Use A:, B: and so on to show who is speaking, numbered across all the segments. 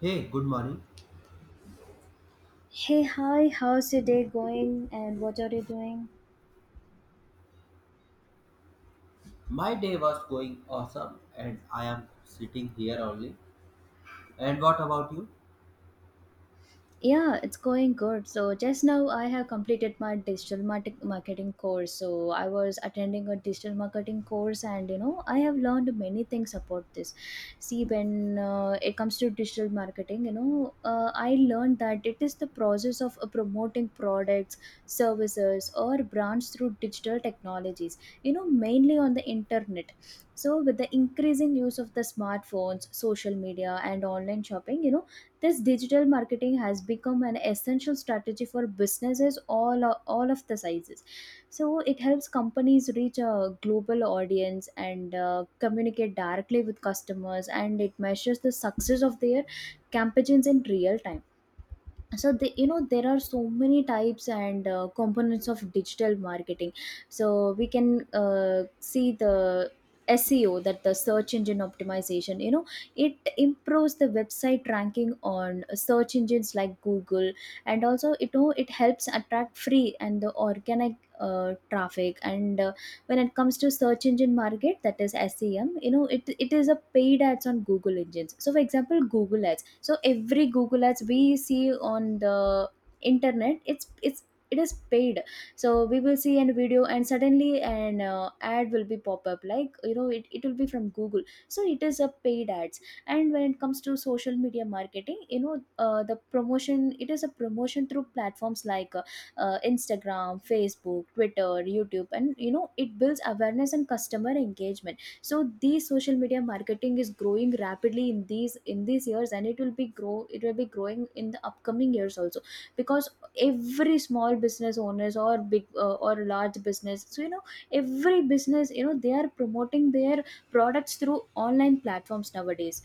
A: Hey, good morning.
B: Hey, hi, how's your day going and what are you doing?
A: My day was going awesome and I am sitting here only. And what about you?
B: Yeah, it's going good. So just now I have completed my marketing course. So I was attending a digital marketing course and you know, I have learned many things about this. See when it comes to digital marketing, you know, I learned that it is the process of promoting products, services or brands through digital technologies, you know, mainly on the internet. So with the increasing use of the smartphones, social media and online shopping, you know, this digital marketing has become an essential strategy for businesses all of the sizes, so it helps companies reach a global audience and communicate directly with customers, and it measures the success of their campaigns in real time. So the, you know, there are so many types and components of digital marketing. So we can see the SEO, that the search engine optimization, you know, it improves the website ranking on search engines like Google. And also, you know, it helps attract free and the organic traffic. And when it comes to search engine market, that is SEM, you know, it is a paid ads on Google engines, so for example Google ads. So every Google ads we see on the internet, it's it is paid. So we will see an video and suddenly an ad will be pop up, like you know it will be from Google, so it is a paid ads. And when it comes to social media marketing, you know, the promotion, it is a promotion through platforms like Instagram, Facebook, Twitter, YouTube, and you know it builds awareness and customer engagement. So these social media marketing is growing rapidly in these years, and it will be grow, it will be growing in the upcoming years also, because every small business owners or big or large business, so you know every business, you know they are promoting their products through online platforms nowadays.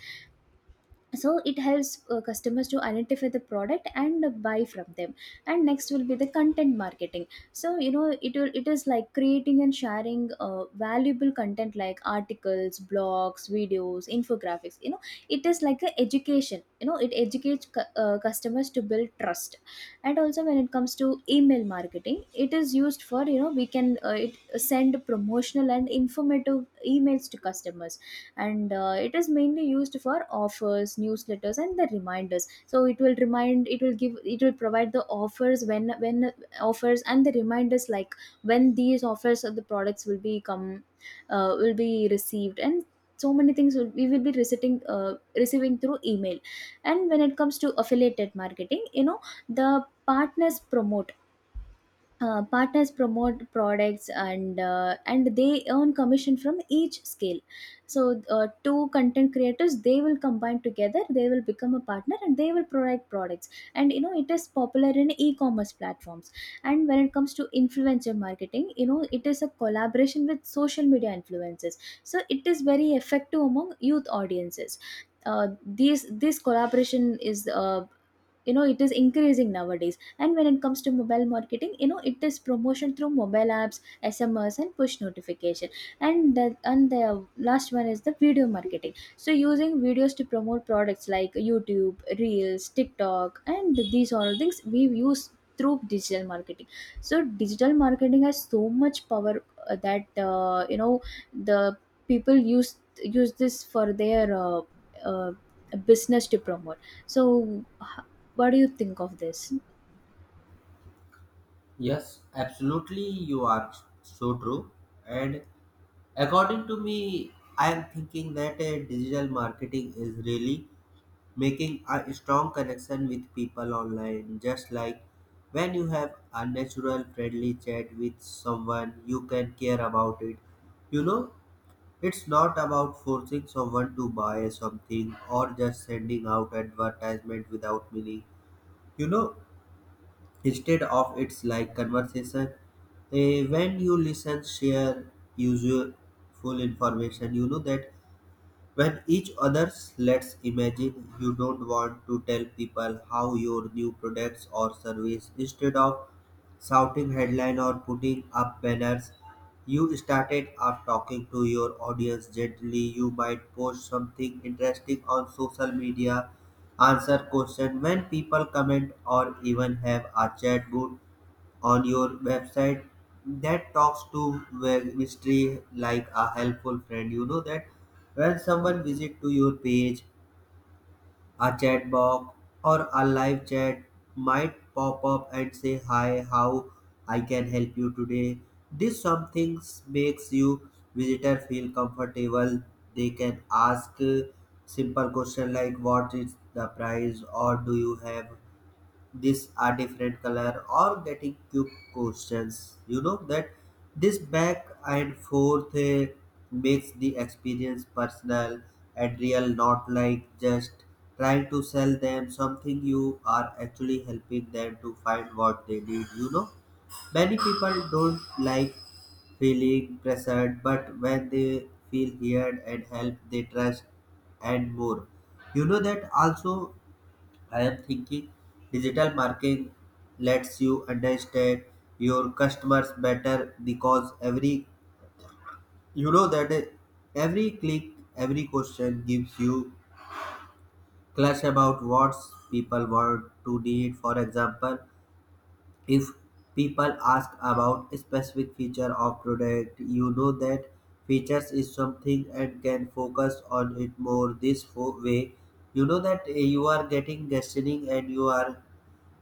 B: So it helps customers to identify the product and buy from them. And next will be the content marketing. So you know it will, it is like creating and sharing valuable content like articles, blogs, videos, infographics. You know, it is like a education, you know it educates customers to build trust. And also when it comes to email marketing, it is used for, you know, we can it send promotional and informative emails to customers. And it is mainly used for offers, newsletters and the reminders. So it will remind, it will give, it will provide the offers when offers and the reminders, like when these offers of the products will be come, will be received, and so many things will, we will be receiving receiving through email. And when it comes to affiliated marketing, you know, the partners promote, partners promote products and they earn commission from each scale. So two content creators, they will combine together, they will become a partner and they will provide products. And you know it is popular in e-commerce platforms. And when it comes to influencer marketing, you know it is a collaboration with social media influencers. So it is very effective among youth audiences. These this collaboration is, you know it is increasing nowadays. And when it comes to mobile marketing, you know it is promotion through mobile apps, SMS and push notification. And the last one is the video marketing, so using videos to promote products like YouTube, reels, TikTok, and these all things we use through digital marketing. So digital marketing has so much power, that you know the people use this for their uh, business to promote. So what do you think of this?
A: Yes, absolutely, you are so true. And according to me, I am thinking that digital marketing is really making a strong connection with people online. Just like when you have a natural, friendly chat with someone, you can care about it. You know, it's not about forcing someone to buy something or just sending out advertisement without meaning. You know, instead of it's like conversation, when you listen, share useful information. You know that when each others, let's imagine you don't want to tell people how your new products or service instead of shouting headline or putting up banners, you started up talking to your audience gently. You might post something interesting on social media, answer question when people comment, or even have a chat boot on your website that talks to web mystery like a helpful friend. You know that when someone visit to your page, a chat box or a live chat might pop up and say hi, how I can help you today. This something makes you visitor feel comfortable. They can ask simple question like what is the price, or do you have these are different color, or getting cube questions. You know that this back and forth makes the experience personal and real, not like just trying to sell them something. You are actually helping them to find what they need. You know, many people don't like feeling pressured, but when they feel heard and helped, they trust and more. You know that also, I am thinking digital marketing lets you understand your customers better because every, you know that every click, every question gives you clues about what people want to need. For example, if people ask about a specific feature of product, you know that features is something and can focus on it more this way. You know that you are getting questioning and you are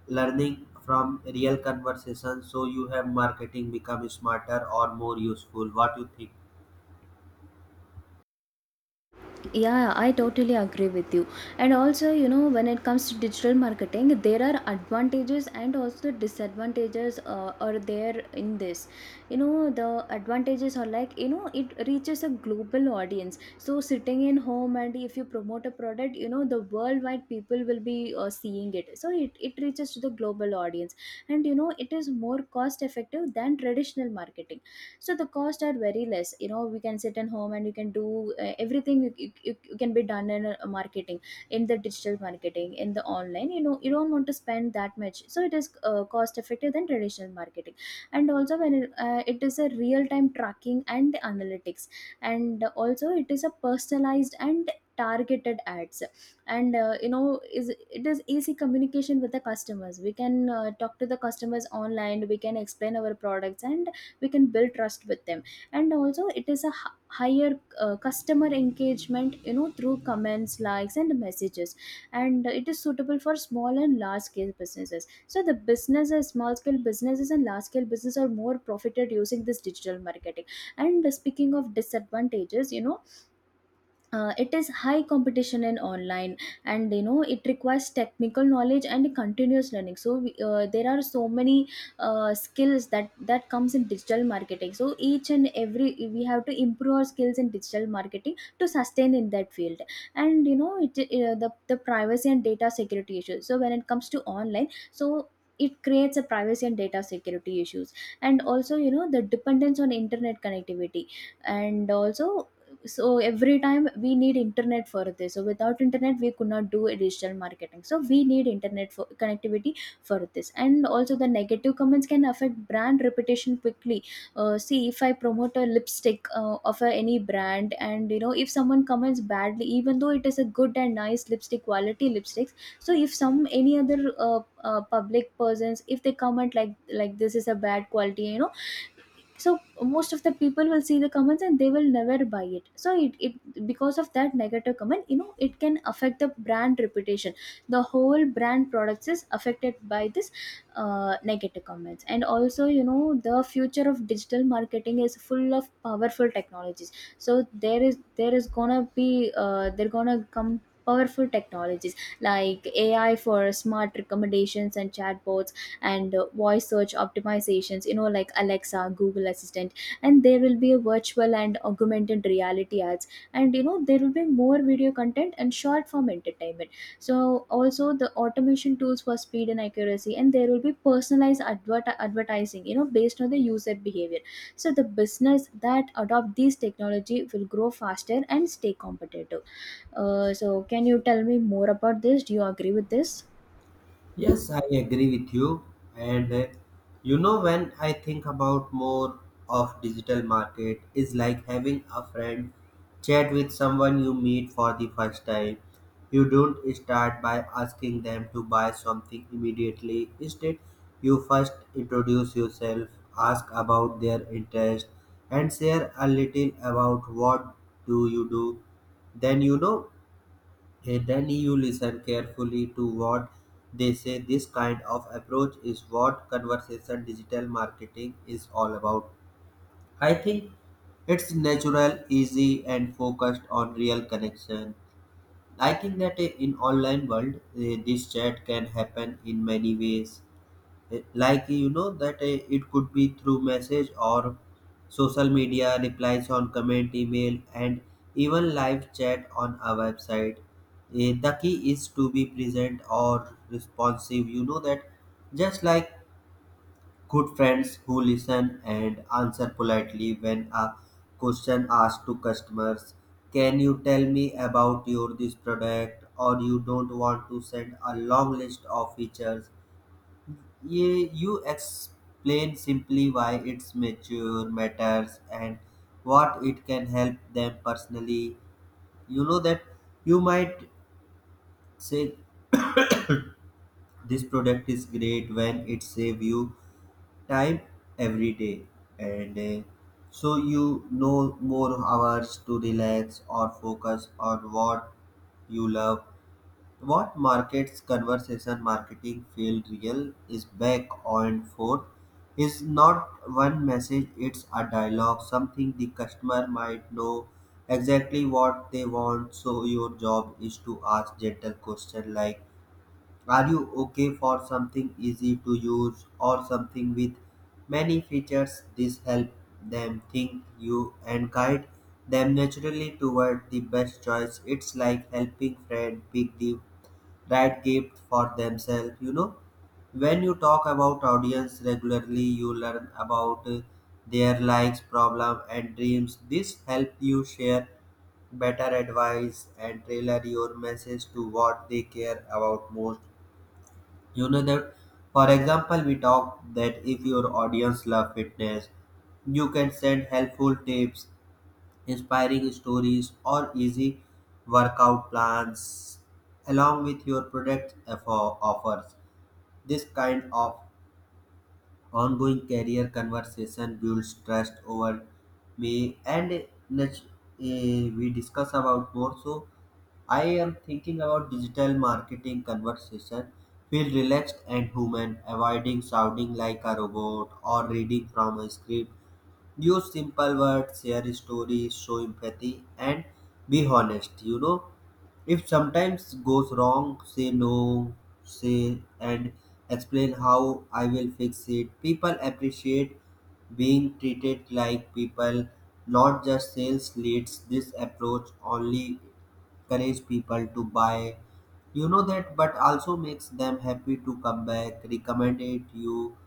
A: learning from real conversations, so you have marketing become smarter or more useful. What you think?
B: Yeah, I totally agree with you. And also, you know, when it comes to digital marketing, there are advantages and also disadvantages are there in this. You know, the advantages are like, you know, it reaches a global audience. So, sitting in home and if you promote a product, you know, the worldwide people will be seeing it. So, it reaches to the global audience. And, you know, it is more cost effective than traditional marketing, so the costs are very less. You know, we can sit at home and you can do everything. You can be done in a marketing, in the digital marketing, in the online. You know, you don't want to spend that much, so it is cost effective than traditional marketing. And also when it, it is a real time tracking and analytics, and also it is a personalized and targeted ads, and you know is it is easy communication with the customers. We can talk to the customers online, we can explain our products and we can build trust with them. And also it is a higher customer engagement, you know, through comments, likes and messages. And it is suitable for small and large scale businesses, so the businesses, small scale businesses and large scale business are more profited using this digital marketing. And speaking of disadvantages, you know, it is high competition in online. And you know it requires technical knowledge and continuous learning. So there are so many skills that comes in digital marketing, so each and every, we have to improve our skills in digital marketing to sustain in that field. And you know it the privacy and data security issues, so when it comes to online, so it creates a privacy and data security issues. And also you know the dependence on internet connectivity, and also so every time we need internet for this. So without internet we could not do a digital marketing, so we need internet for connectivity for this. And also the negative comments can affect brand reputation quickly. See if I promote a lipstick of a, any brand, and you know if someone comments badly, even though it is a good and nice lipstick, quality lipsticks. So if some any other public persons, if they comment like this is a bad quality, you know, so most of the people will see the comments and they will never buy it. So it because of that negative comment, you know, it can affect the brand reputation. The whole brand products is affected by this negative comments. And also you know the future of digital marketing is full of powerful technologies. So there is gonna be, they're gonna come powerful technologies like AI for smart recommendations and chatbots, and voice search optimizations, you know, like Alexa, Google Assistant. And there will be a virtual and augmented reality ads. And you know there will be more video content and short form entertainment. So also the automation tools for speed and accuracy, and there will be personalized advertising, you know, based on the user behavior. So the business that adopt these technology will grow faster and stay competitive. So can you tell me more about this? Do you agree with this?
A: Yes, I agree with you. And you know, when I think about more of digital market, is like having a friend chat with someone you meet for the first time. You don't start by asking them to buy something immediately. Instead, you first introduce yourself, ask about their interest, and share a little about what do you do. Then you know, hey, then you listen carefully to what they say. This kind of approach is what conversation digital marketing is all about. I think it's natural, easy, and focused on real connection. I think that in online world, this chat can happen in many ways like you know that it could be through message, or social media replies on comment, email, and even live chat on our website. The key is to be present or responsive. You know that just like good friends who listen and answer politely when a question asked to customers, can you tell me about your this product, or you don't want to send a long list of features. Yeah, you explain simply why its mature matters and what it can help them personally. You know that you might say this product is great when it save you time every day, and so you know more hours to relax or focus on what you love. What markets conversation marketing feel real is back and forth. Is not one message, it's a dialogue, something the customer might know exactly what they want. So your job is to ask gentle questions like are you okay for something easy to use or something with many features? This help them think you and guide them naturally toward the best choice. It's like helping friend pick the that gift for themselves. You know, when you talk about audience regularly, you learn about their likes problem and dreams. This help you share better advice and tailor your message to what they care about most. You know that for example we talk that if your audience love fitness, you can send helpful tips, inspiring stories, or easy workout plans along with your product offers. This kind of ongoing career conversation builds trust over me and we discuss about more. So I am thinking about digital marketing conversation. Feel relaxed and human, avoiding sounding like a robot or reading from a script. Use simple words, share stories, show empathy, and be honest. You know, if sometimes goes wrong, say no, say and explain how I will fix it. People appreciate being treated like people, not just sales leads. This approach only encourage people to buy, you know that, but also makes them happy to come back recommended you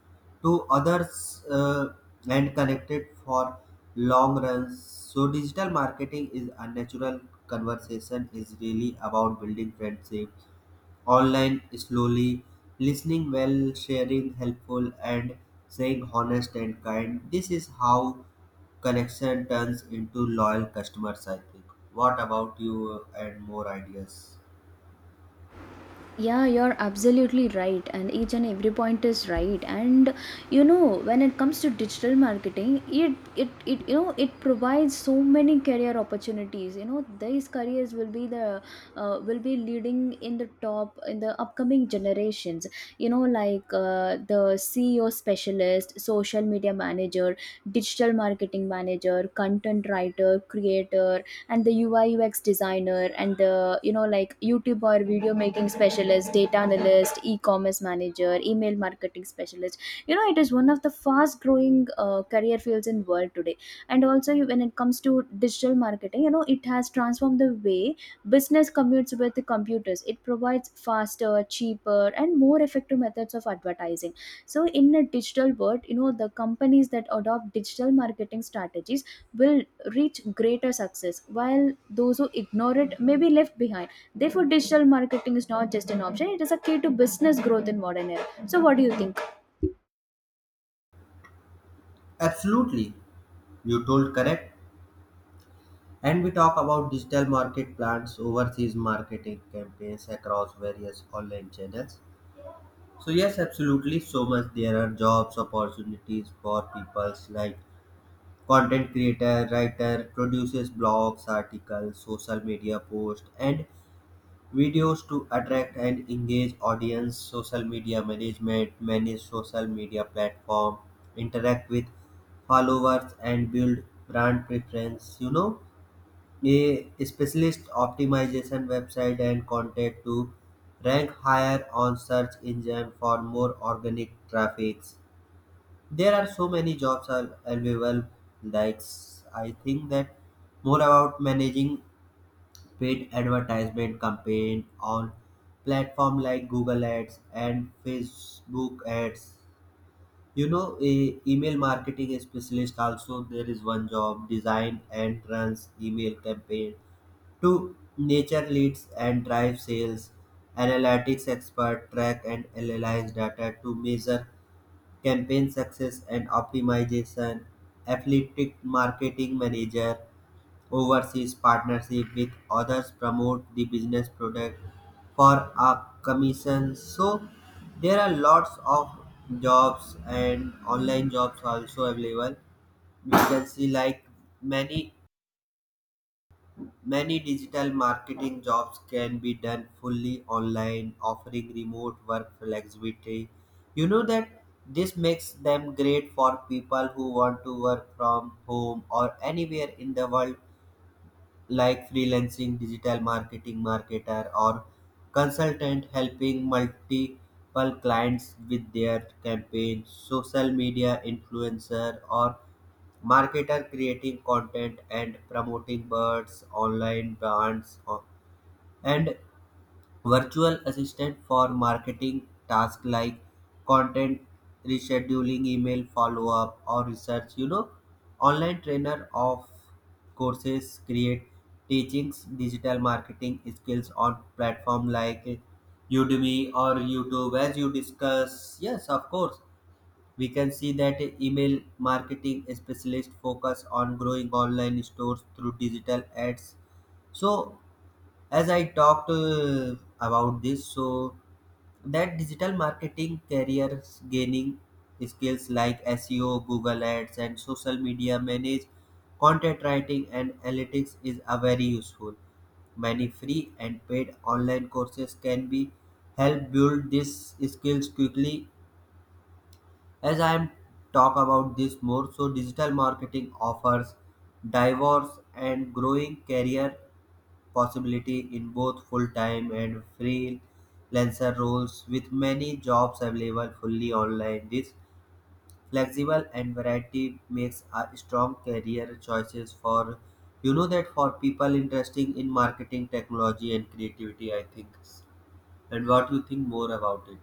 A: to others, and connected for long runs. So digital marketing is a natural conversation is really about building friendship online slowly, listening well, sharing helpful and saying honest and kind. This is how connection turns into loyal customers, I think. What about you, and more ideas?
B: Yeah, you're absolutely right, and each and every point is right. And you know, when it comes to digital marketing, it you know it provides so many career opportunities. You know, these careers will be the will be leading in the top in the upcoming generations. You know, like the CEO specialist, social media manager, digital marketing manager, content writer, creator, and the ui ux designer, and the, you know, like youtube or video making specialist, data analyst, e-commerce manager, email marketing specialist. You know, it is one of the fast growing career fields in world today. And also when it comes to digital marketing, you know, it has transformed the way business commutes with the computers. It provides faster, cheaper and more effective methods of advertising. So in a digital world, you know, the companies that adopt digital marketing strategies will reach greater success, while those who ignore it may be left behind. Therefore, digital marketing is not just an option, it is a key to business growth in modern era. So what do you think?
A: Absolutely. You told correct. And we talk about digital market plans, overseas marketing campaigns across various online channels. So yes, absolutely so much there are jobs opportunities for peoples like content creator, writer, produces blogs, articles, social media posts and videos to attract and engage audience, social media management, manage social media platform, interact with followers and build brand preference, you know. A specialist optimization website and content to rank higher on search engine for more organic traffic. There are so many jobs are available. Like, I think that more about managing paid advertisement campaign on platform like Google Ads and Facebook Ads. You know, a email marketing specialist also there is one job design and runs email campaign to nature leads and drive sales. Analytics experts track and analyze data to measure campaign success and optimization. Affiliate marketing manager oversees partnership with others promote the business product for a commission. So there are lots of jobs and online jobs also available. We can see like many, many digital marketing jobs can be done fully online, offering remote work flexibility. You know that this makes them great for people who want to work from home or anywhere in the world, like freelancing, digital marketing marketer, or consultant helping multiple clients with their campaigns, social media influencer, or marketer creating content and promoting birds, online brands, or, and virtual assistant for marketing tasks like content rescheduling, email follow-up, or research. You know, online trainer of courses create teachings digital marketing skills on platform like Udemy or YouTube. As you discuss, yes, of course, we can see that email marketing specialist focus on growing online stores through digital ads. So as I talked about this, so that digital marketing careers gaining skills like SEO, Google Ads and social media manage, content writing and analytics is a very useful. Many free and paid online courses can be help build these skills quickly. As I am talk about this more, so digital marketing offers diverse and growing career possibility in both full-time and freelancer roles with many jobs available fully online. This flexible and variety makes a strong career choices for, you know that, for people interested in marketing technology and creativity, I think. And what you think more about it?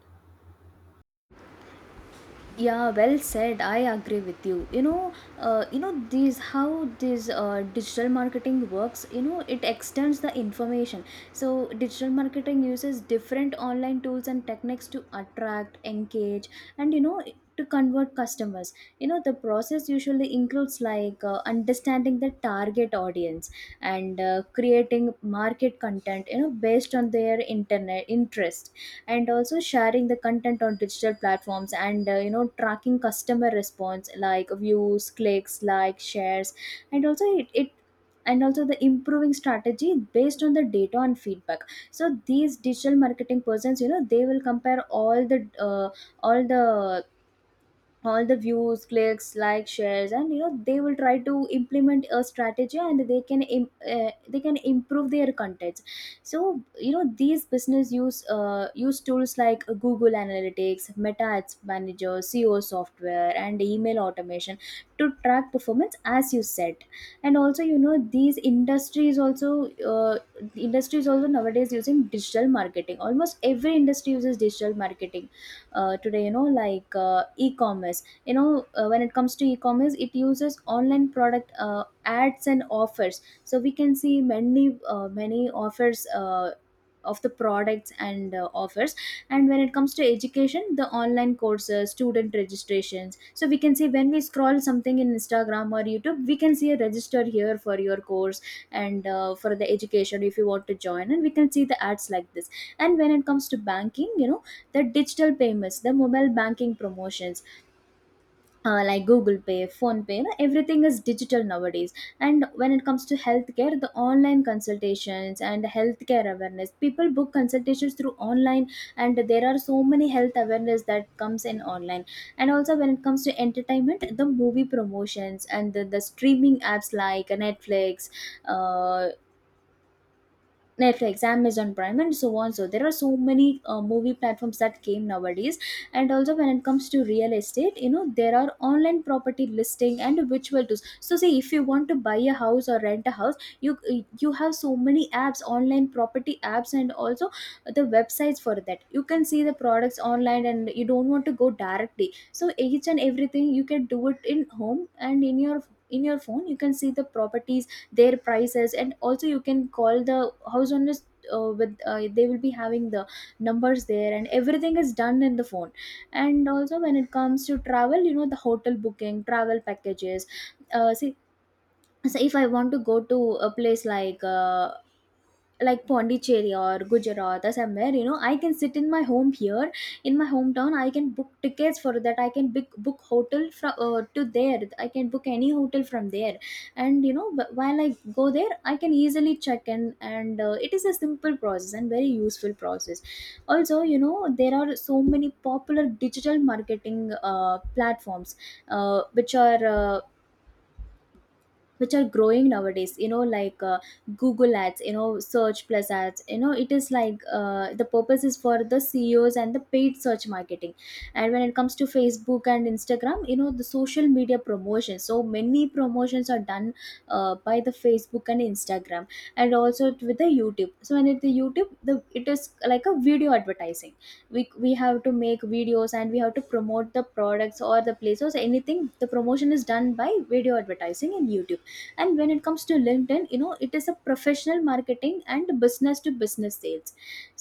B: Yeah, well said, I agree with you. You know, you know, these how this digital marketing works, you know, it extends the information. So digital marketing uses different online tools and techniques to attract, engage and, you know, to convert customers. You know, the process usually includes like understanding the target audience and creating market content, you know, based on their internet interest, and also sharing the content on digital platforms and, you know, tracking customer response like views, clicks, likes, shares, and also it and also the improving strategy based on the data and feedback. So these digital marketing persons, you know, they will compare all the all the views clicks, likes, shares, and you know, they will try to implement a strategy and they can improve their contents. So you know, these business use use tools like google analytics, meta ads manager, seo software and email automation to track performance, as you said. And also, you know, these uh, industries also nowadays using digital marketing. Almost every industry uses digital marketing today. You know, like e-commerce, you know, when it comes to e-commerce, it uses online product ads and offers. So we can see many offers of the products and offers. And when it comes to education, the online courses, student registration, so we can see when we scroll something in instagram or youtube, we can see a register here for your course, and for the education, if you want to join, and we can see the ads like this. And when it comes to banking, you know, the digital payments, the mobile banking promotions, like Google Pay, Phone Pay, you know, everything is digital nowadays. And when it comes to healthcare, the online consultations and healthcare awareness, people book consultations through online, and there are so many health awareness that comes in online. And also when it comes to entertainment, the movie promotions and the streaming apps like Netflix, uh, Netflix, Amazon Prime, and so on. So there are so many movie platforms that came nowadays. And also, when it comes to real estate, you know, there are online property listing and virtual tools. So say if you want to buy a house or rent a house, you you have so many apps, online property apps, and also the websites for that. You can see the products online, and you don't want to go directly. So each and everything you can do it in home, and in your phone you can see the properties, their prices, and also you can call the house owners with they will be having the numbers there, and everything is done in the phone. And also when it comes to travel, you know, the hotel booking, travel packages, see so if I want to go to a place like Pondicherry or Gujarat or somewhere, you know, I can sit in my home here, in my hometown. I can book tickets for that. I can book hotel from to there. I can book any hotel from there, and you know, while I go there, I can easily check in, and it is a simple process and very useful process. Also, you know, there are so many popular digital marketing platforms, uh, which are. Uh, which are growing nowadays. You know, like google ads, you know, search plus ads, you know, it is like the purpose is for the ceos and the paid search marketing. And when it comes to facebook and instagram, you know, the social media promotion, so many promotions are done by the facebook and instagram, and also with the youtube. So when it the youtube the it is like a video advertising. We have to make videos and we have to promote the products or the places, anything the promotion is done by video advertising in youtube. And when it comes to linkedin, you know, it is a professional marketing and business to business sales.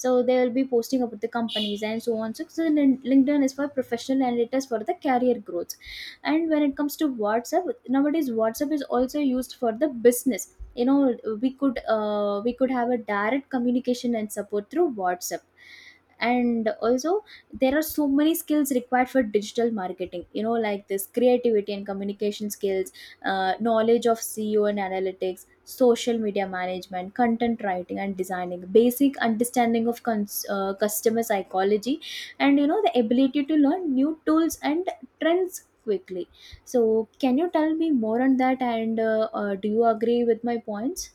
B: So they will be posting about the companies and so on. So linkedin is for professional and it is for the career growth. And when it comes to whatsapp, nowadays whatsapp is also used for the business. You know, we could have a direct communication and support through whatsapp. And also there are so many skills required for digital marketing, you know, like this creativity and communication skills, knowledge of SEO and analytics, social media management, content writing and designing, basic understanding of customer psychology, and you know, the ability to learn new tools and trends quickly. So can you tell me more on that, and do you agree with my points?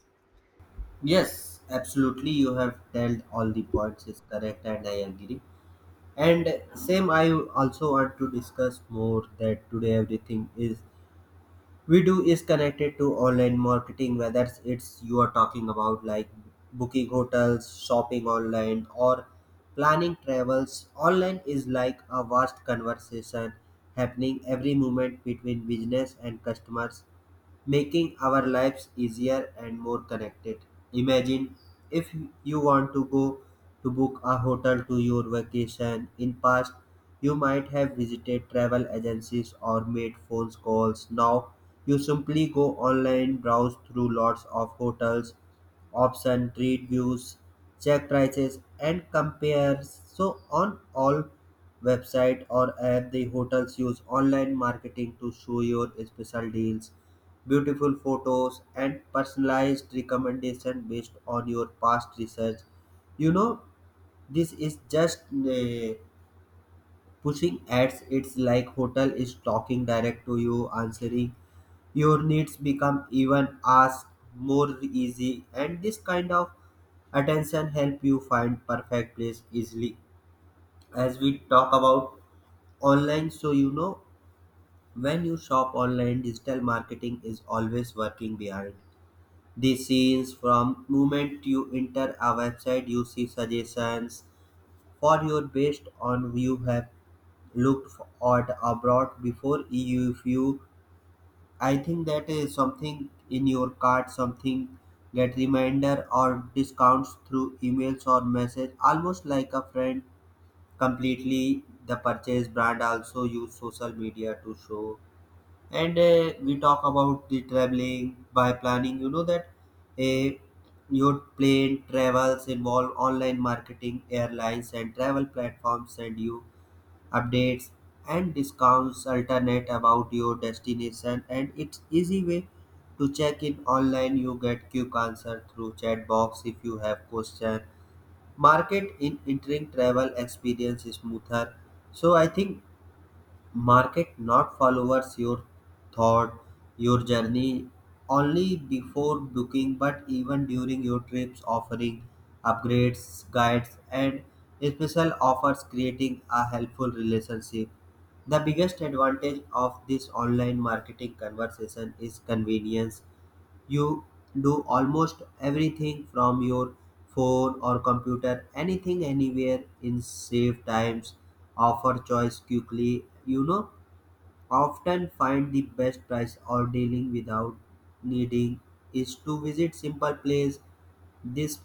A: Yes, absolutely. You have told all the points is correct, and I agree. And same, I also want to discuss more that today everything is we do is connected to online marketing, whether it's you are talking about like booking hotels, shopping online, or planning travels online, is like a vast conversation happening every moment between business and customers, making our lives easier and more connected. Imagine if you want to go to book a hotel to your vacation. In past you might have visited travel agencies or made phone calls. Now you simply go online, browse through lots of hotels option, read views, check prices and compare so on all website or app. The hotels use online marketing to show your special deals, beautiful photos and personalized recommendation based on your past research. You know, this is just pushing ads. It's like hotel is talking direct to you, answering your needs become even ask more easy, and this kind of attention help you find perfect place easily. As we talk about online, so you know, when you shop online, digital marketing is always working behind the scenes. From moment you enter a website you see suggestions for your based on you have looked for- at abroad before you. If you, I think that is something in your cart, something get reminder or discounts through emails or message almost like a friend completely the purchase. Brand also use social media to show, and we talk about the traveling by planning. You know that a your plane travels involve online marketing. Airlines and travel platforms send you updates and discounts alternate about your destination, and it's easy way to check in online. You get quick answer through chat box if you have question. Market in entering travel experience is smoother. So I think market not followers your thought, your journey only before booking, but even during your trips, offering upgrades, guides, and special offers, creating a helpful relationship. The biggest advantage of this online marketing conversation is convenience. You do almost everything from your phone or computer, anything anywhere in save times, offer choice quickly. You know, often find the best price or dealing without needing is to visit simple place. This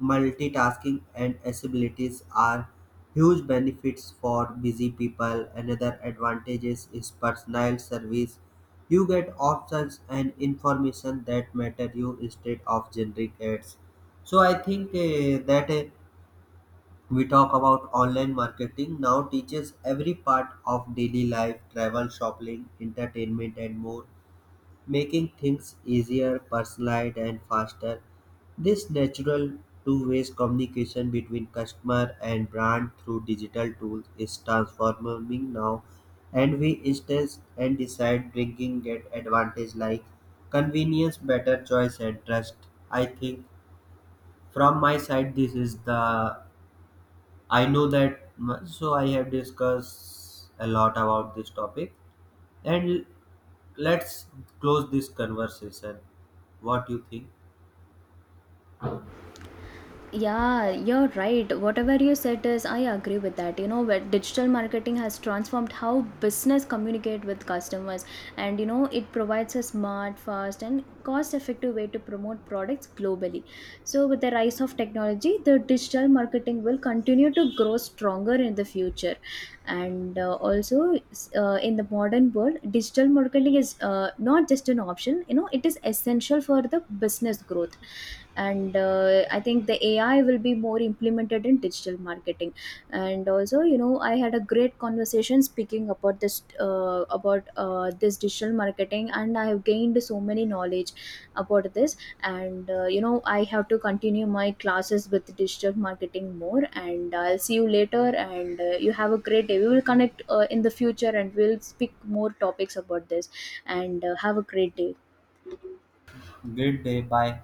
A: multitasking and accessibilities are huge benefits for busy people. Another advantages is personal service. You get options and information that matter you instead of generic ads. So I think that we talk about online marketing now teaches every part of daily life, travel, shopping, entertainment, and more, making things easier, personalized, and faster. This natural two-way communication between customer and brand through digital tools is transforming now, and we instance and decide bringing get advantage like convenience, better choice, and trust. I think from my side, this is the I know that so I have discussed a lot about this topic, and let's close this conversation. What do you think?
B: Yeah, you're right. Whatever you said is, I agree with that. You know, but digital marketing has transformed how business communicate with customers, and you know, it provides a smart, fast, and cost-effective way to promote products globally. So, with the rise of technology, the digital marketing will continue to grow stronger in the future, and also in the modern world digital marketing is not just an option. You know, it is essential for the business growth. And I think the ai will be more implemented in digital marketing. And also, you know, I had a great conversation speaking about this, about this digital marketing, and I have gained so many knowledge about this. And you know, I have to continue my classes with digital marketing more, and I'll see you later. And you have a great day. We will connect in the future, and we'll speak more topics about this. And have a great day.
A: Good day, bye.